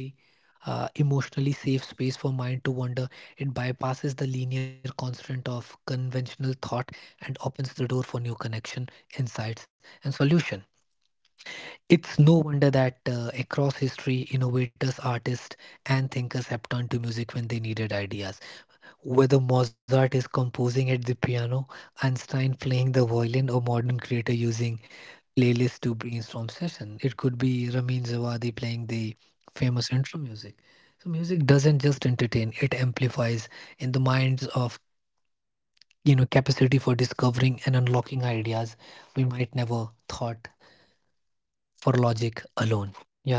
B: Emotionally safe space for mind to wander. It bypasses the linear constraint of conventional thought and opens the door for new connection, insights, and solution. It's no wonder that across history, innovators, artists, and thinkers have turned to music when they needed ideas. Whether Mozart is composing at the piano, Einstein playing the violin, or modern creator using playlists to brainstorm session, it could be Ramin Javadi playing the famous intro music. So music doesn't just entertain; it amplifies in the minds of you know capacity for discovering and unlocking ideas we might never thought for logic alone. Yeah, Naveen.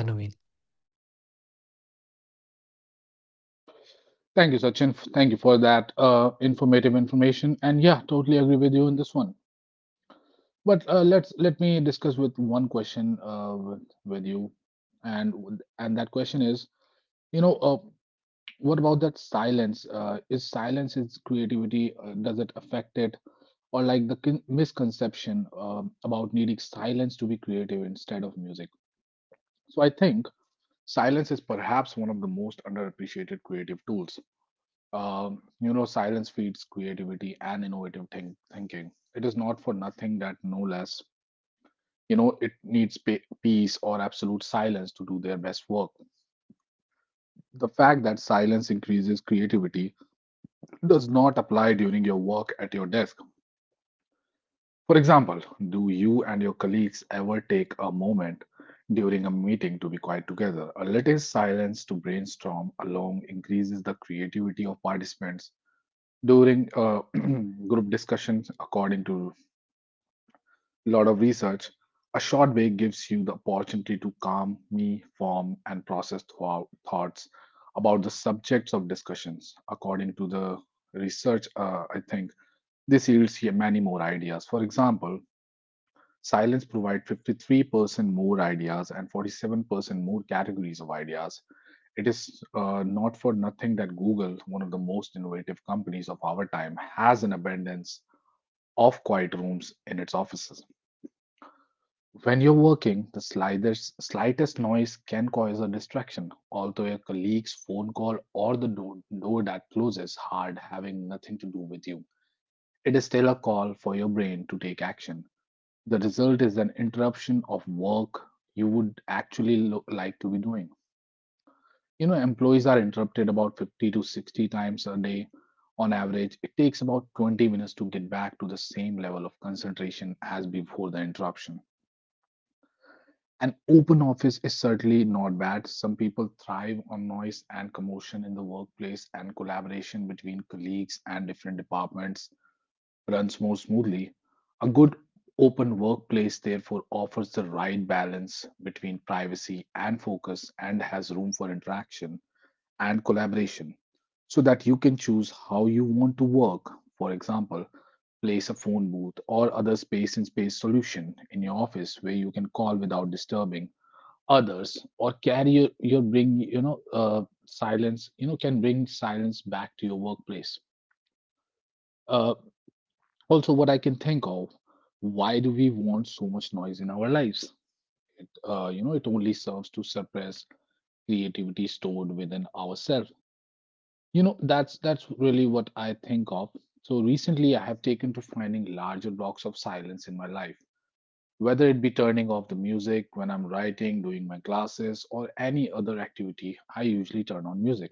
A: Thank you, Sachin. Thank you for that informative information. And yeah, totally agree with you in this one. But let me discuss with one question with you, and that question is, you know, uh, what about that silence? Is silence his creativity? Does it affect it? Or like the misconception about needing silence to be creative instead of music? So I think silence is perhaps one of the most underappreciated creative tools. Silence feeds creativity and innovative thinking. It is not for nothing that no less, you know, it needs peace or absolute silence to do their best work. The fact that silence increases creativity does not apply during your work at your desk. For example, do you and your colleagues ever take a moment during a meeting to be quiet together? A little silence to brainstorm along increases the creativity of participants during [CLEARS THROAT] group discussions. According to a lot of research, a short break gives you the opportunity to calm, me, form, and process thoughts about the subjects of discussions. According to the research, I think this yields many more ideas. For example, silence provides 53% more ideas and 47% more categories of ideas. It is not for nothing that Google, one of the most innovative companies of our time, has an abundance of quiet rooms in its offices. When you're working, the slightest noise can cause a distraction, although your colleague's phone call or the door that closes hard having nothing to do with you. It is still a call for your brain to take action. The result is an interruption of work you would actually like to be doing. You know, employees are interrupted about 50 to 60 times a day on average. It takes about 20 minutes to get back to the same level of concentration as before the interruption. An open office is certainly not bad. Some people thrive on noise and commotion in the workplace and collaboration between colleagues and different departments runs more smoothly. A good open workplace, therefore, offers the right balance between privacy and focus and has room for interaction and collaboration so that you can choose how you want to work. For example, place a phone booth or other space in space solution in your office where you can call without disturbing others or carry your bring you know silence you know can bring silence back to your workplace. Uh, what I can think of, why do we want so much noise in our lives? It only serves to suppress creativity stored within ourselves. You know, that's really what I think of. So recently, I have taken to finding larger blocks of silence in my life, whether it be turning off the music when I'm writing, doing my classes, or any other activity. I usually turn on music.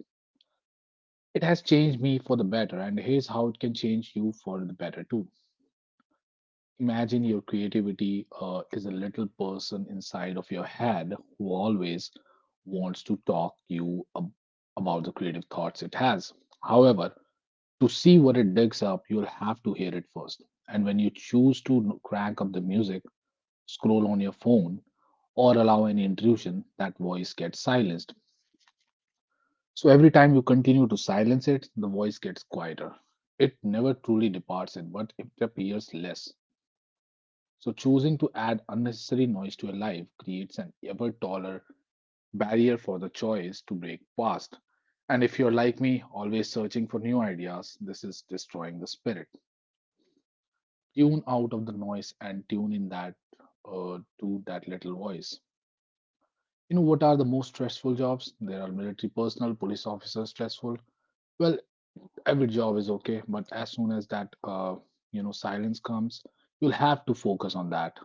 A: It has changed me for the better, and here's how it can change you for the better too. Imagine your creativity is a little person inside of your head who always wants to talk you about the creative thoughts it has. However, to see what it digs up, you'll have to hear it first. And when you choose to crank up the music, scroll on your phone, or allow any intrusion, that voice gets silenced. So every time you continue to silence it, the voice gets quieter. It never truly departs it, but it appears less. So, choosing to add unnecessary noise to a life creates an ever taller barrier for the choice to break past. And if you're like me, always searching for new ideas, this is destroying the spirit. Tune out of the noise and tune in that to that little voice. You know what are the most stressful jobs? There are military personnel, police officers stressful. Well, every job is okay, but as soon as that silence comes, you'll have to focus on that.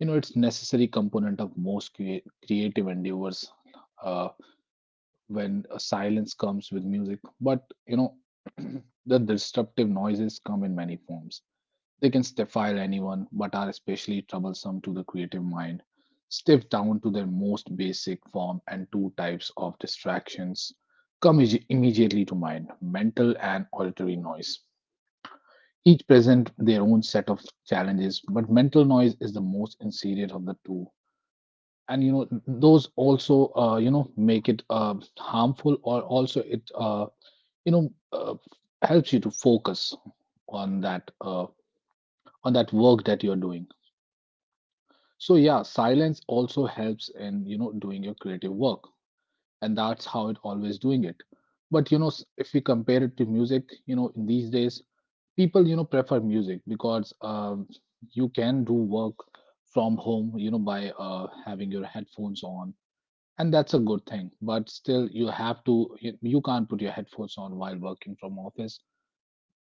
A: You know it's necessary component of most creative endeavors. uh, when a silence comes with music, but you know [CLEARS THROAT] the disruptive noises come in many forms. They can stifle anyone but are especially troublesome to the creative mind. Stiff down to their most basic form and two types of distractions come immediately to mind, mental and auditory noise. Each present their own set of challenges, but mental noise is the most insidious of the two. And you know those also make it harmful or also it you know uh, helps you to focus on that uh, on that work that you're doing. So yeah, silence also helps in you know doing your creative work, and that's how it always doing it. But you know, if we compare it to music, you know, in these days, people you know prefer music because you can do work from home, you know, by having your headphones on, and that's a good thing. But still you have to you can't put your headphones on while working from office.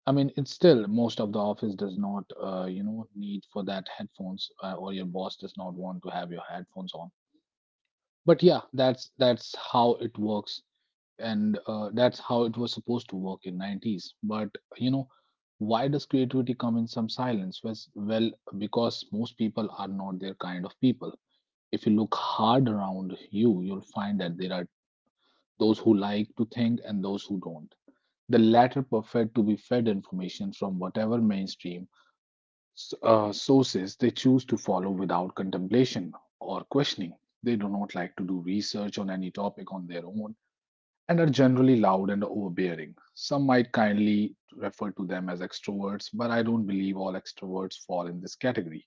A: I mean, it's still most of the office does not need for that headphones or your boss does not want to have your headphones on. But yeah, that's how it works, and that's how it was supposed to work in 90's. But you know, why does creativity come in some silence? Well, because most people are not their kind of people. If you look hard around you, you'll find that there are those who like to think and those who don't. The latter prefer to be fed information from whatever mainstream sources they choose to follow without contemplation or questioning. They do not like to do research on any topic on their own and are generally loud and overbearing. Some might kindly refer to them as extroverts, but I don't believe all extroverts fall in this category.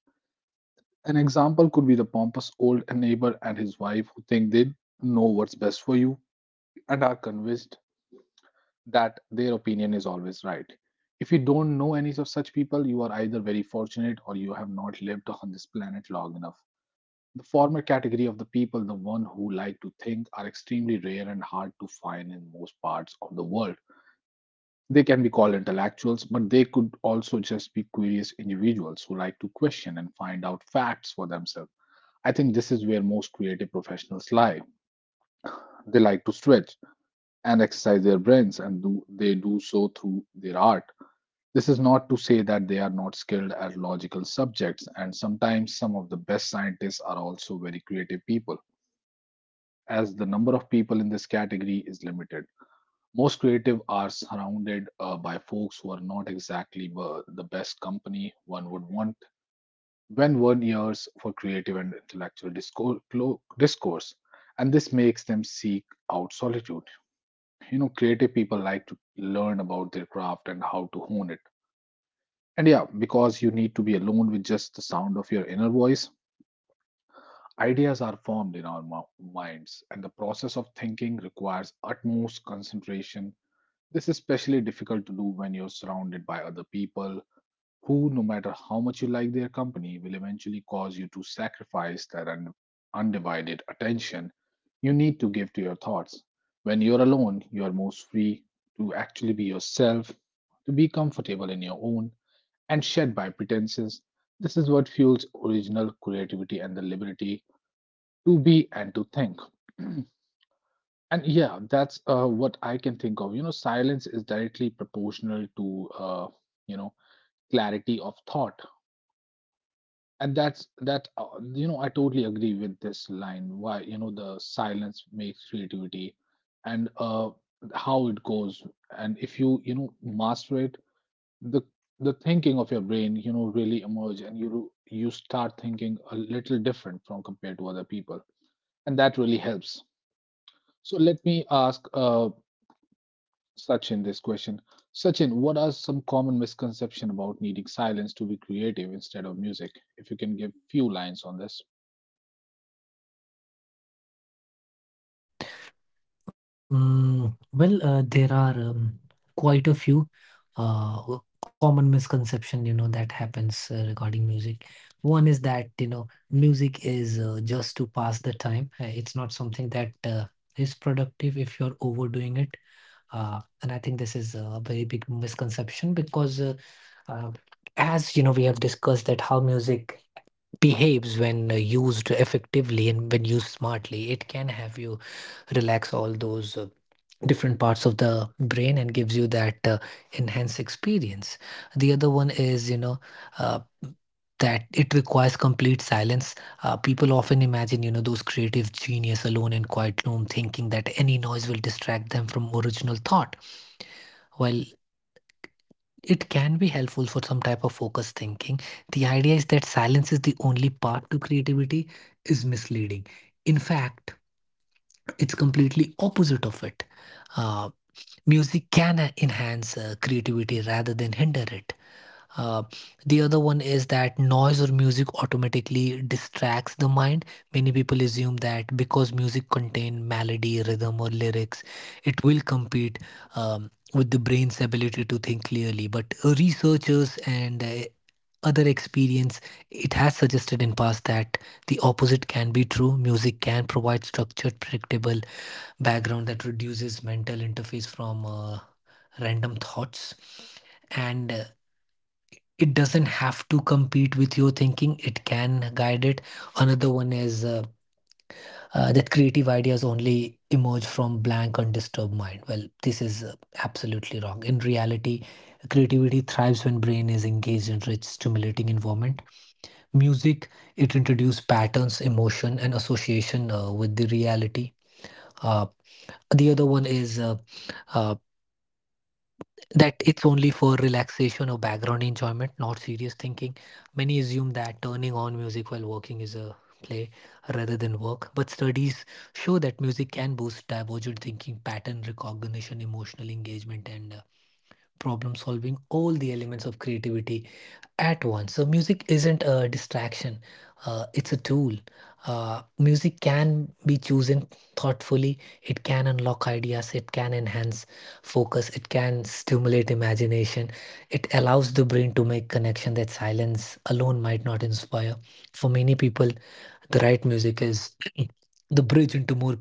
A: An example could be the pompous old neighbor and his wife who think they know what's best for you and are convinced that their opinion is always right. If you don't know any of such people, you are either very fortunate or you have not lived on this planet long enough. The former category of the people, the one who like to think, are extremely rare and hard to find in most parts of the world. They can be called intellectuals, but they could also just be curious individuals who like to question and find out facts for themselves. I think this is where most creative professionals lie. They like to stretch and exercise their brains, and they do so through their art. This is not to say that they are not skilled at logical subjects, and sometimes some of the best scientists are also very creative people. As the number of people in this category is limited, most creative are surrounded by folks who are not exactly the best company one would want when one years for creative and intellectual discourse. And this makes them seek out solitude. You know creative people like to learn about their craft and how to hone it. And yeah, because you need to be alone with just the sound of your inner voice, ideas are formed in our minds, and the process of thinking requires utmost concentration. This is especially difficult to do when you're surrounded by other people who, no matter how much you like their company, will eventually cause you to sacrifice that undivided attention you need to give to your thoughts. When you're alone, you are most free to actually be yourself, to be comfortable in your own and shed by pretenses. This is what fuels original creativity and the liberty to be and to think. [CLEARS THROAT] And yeah, that's what I can think of. You know, silence is directly proportional to you know clarity of thought, and that's that. I totally agree with this line. Why you know the silence makes creativity, and how it goes, and if you you know master it, the the thinking of your brain you know really emerge and you start thinking a little different from compared to other people, and that really helps. So let me ask Sachin this question. Sachin, what are some common misconception about needing silence to be creative instead of music, if you can give few lines on this?
B: Well, there are quite a few uh, w- common misconception, you know, that happens regarding music. One is that, you know, music is just to pass the time. It's not something that is productive if you're overdoing it. And I think this is a very big misconception because, uh, as you know, we have discussed that how music behaves when used effectively and when used smartly, it can have you relax all those. Different parts of the brain and gives you that enhanced experience. The other one is you know uh, that it requires complete silence. People often imagine you know those creative genius alone in quiet room thinking that any noise will distract them from original thought, while it can be helpful for some type of focused thinking, the idea is that silence is the only path to creativity is misleading. In fact, it's completely opposite of it. Uh, Music can enhance creativity rather than hinder it. Uh, the other one is that noise or music automatically distracts the mind. Many people assume that because music contains melody, rhythm, or lyrics, it will compete with the brain's ability to think clearly. But researchers and other experience it has suggested in past that the opposite can be true. Music can provide structured predictable background that reduces mental interface from random thoughts, and it doesn't have to compete with your thinking, it can guide it. Another one is that creative ideas only emerge from blank undisturbed mind. Well, this is absolutely wrong. In reality, creativity thrives when brain is engaged in rich stimulating environment. Music, it introduces patterns emotion and association with the reality. Uh, the other one is uh, uh, that it's only for relaxation or background enjoyment, not serious thinking. Many assume that turning on music while working is a play rather than work, but studies show that music can boost divergent thinking, pattern recognition, emotional engagement, and problem solving, all the elements of creativity at once. So music isn't a distraction, it's a tool. Music can be chosen thoughtfully, it can unlock ideas, it can enhance focus, it can stimulate imagination, it allows the brain to make connection that silence alone might not inspire. For many people, the right music is [CLEARS THROAT] the bridge into more creative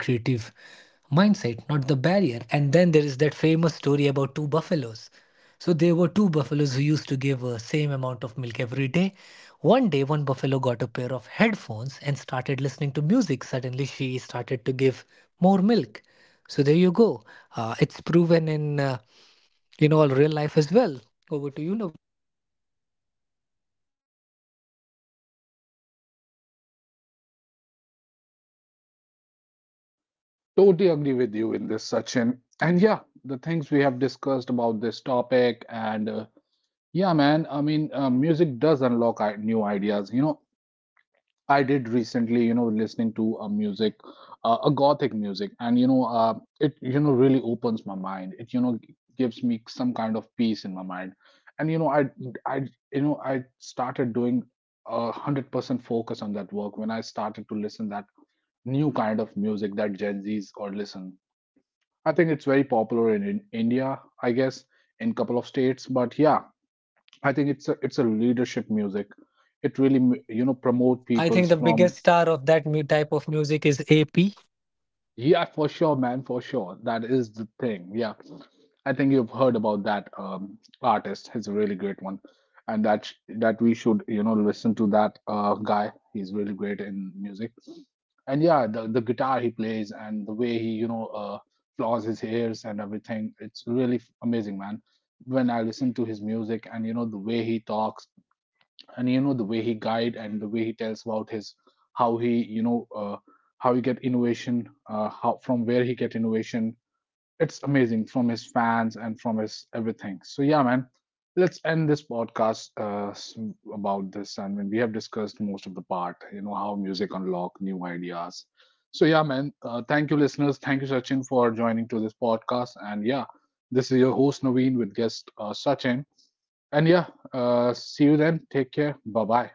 B: mindset, not the barrier. And then there is that famous story about two buffaloes. So there were two buffaloes who used to give same amount of milk every day. One day, one buffalo got a pair of headphones and started listening to music. Suddenly, she started to give more milk. So there you go. It's proven in you know all real life as well. Over to you, Naveen.
A: Totally agree with you in this Sachin, and yeah, the things we have discussed about this topic. And yeah man I mean music does unlock new ideas, you know. I did recently, you know, listening to a music, a gothic music, and you know, it you know really opens my mind. It you know gives me some kind of peace in my mind, and you know, I you know I started doing 100% focus on that work when I started to listen that new kind of music that Gen Zs or listen. I think it's very popular in India, I guess, in couple of states. But yeah, I think it's a leadership music. It really you know
B: I think the
A: promote
B: biggest
A: peoples
B: star of
A: from.
B: that type of music is AP.
A: Yeah, for sure, man, for sure. That is the thing. Yeah. I think you've heard about that artist. He's a really great one, and that we should you know listen to that guy. He's really great in music, and yeah, the guitar he plays and the way he you know flaws his hairs and everything. It's really amazing, man. When I listen to his music and you know the way he talks and you know the way he guide and the way he tells about his how he you know how he get innovation how from where he get innovation. It's amazing from his fans and from his everything. So yeah, man, let's end this podcast about this. And when we have discussed most of the part, you know how music unlock new ideas. So yeah, man, thank you, listeners. Thank you, Sachin, for joining to this podcast. And yeah, this is your host Naveen with guest Sachin. And yeah, see you then. Take care. Bye bye.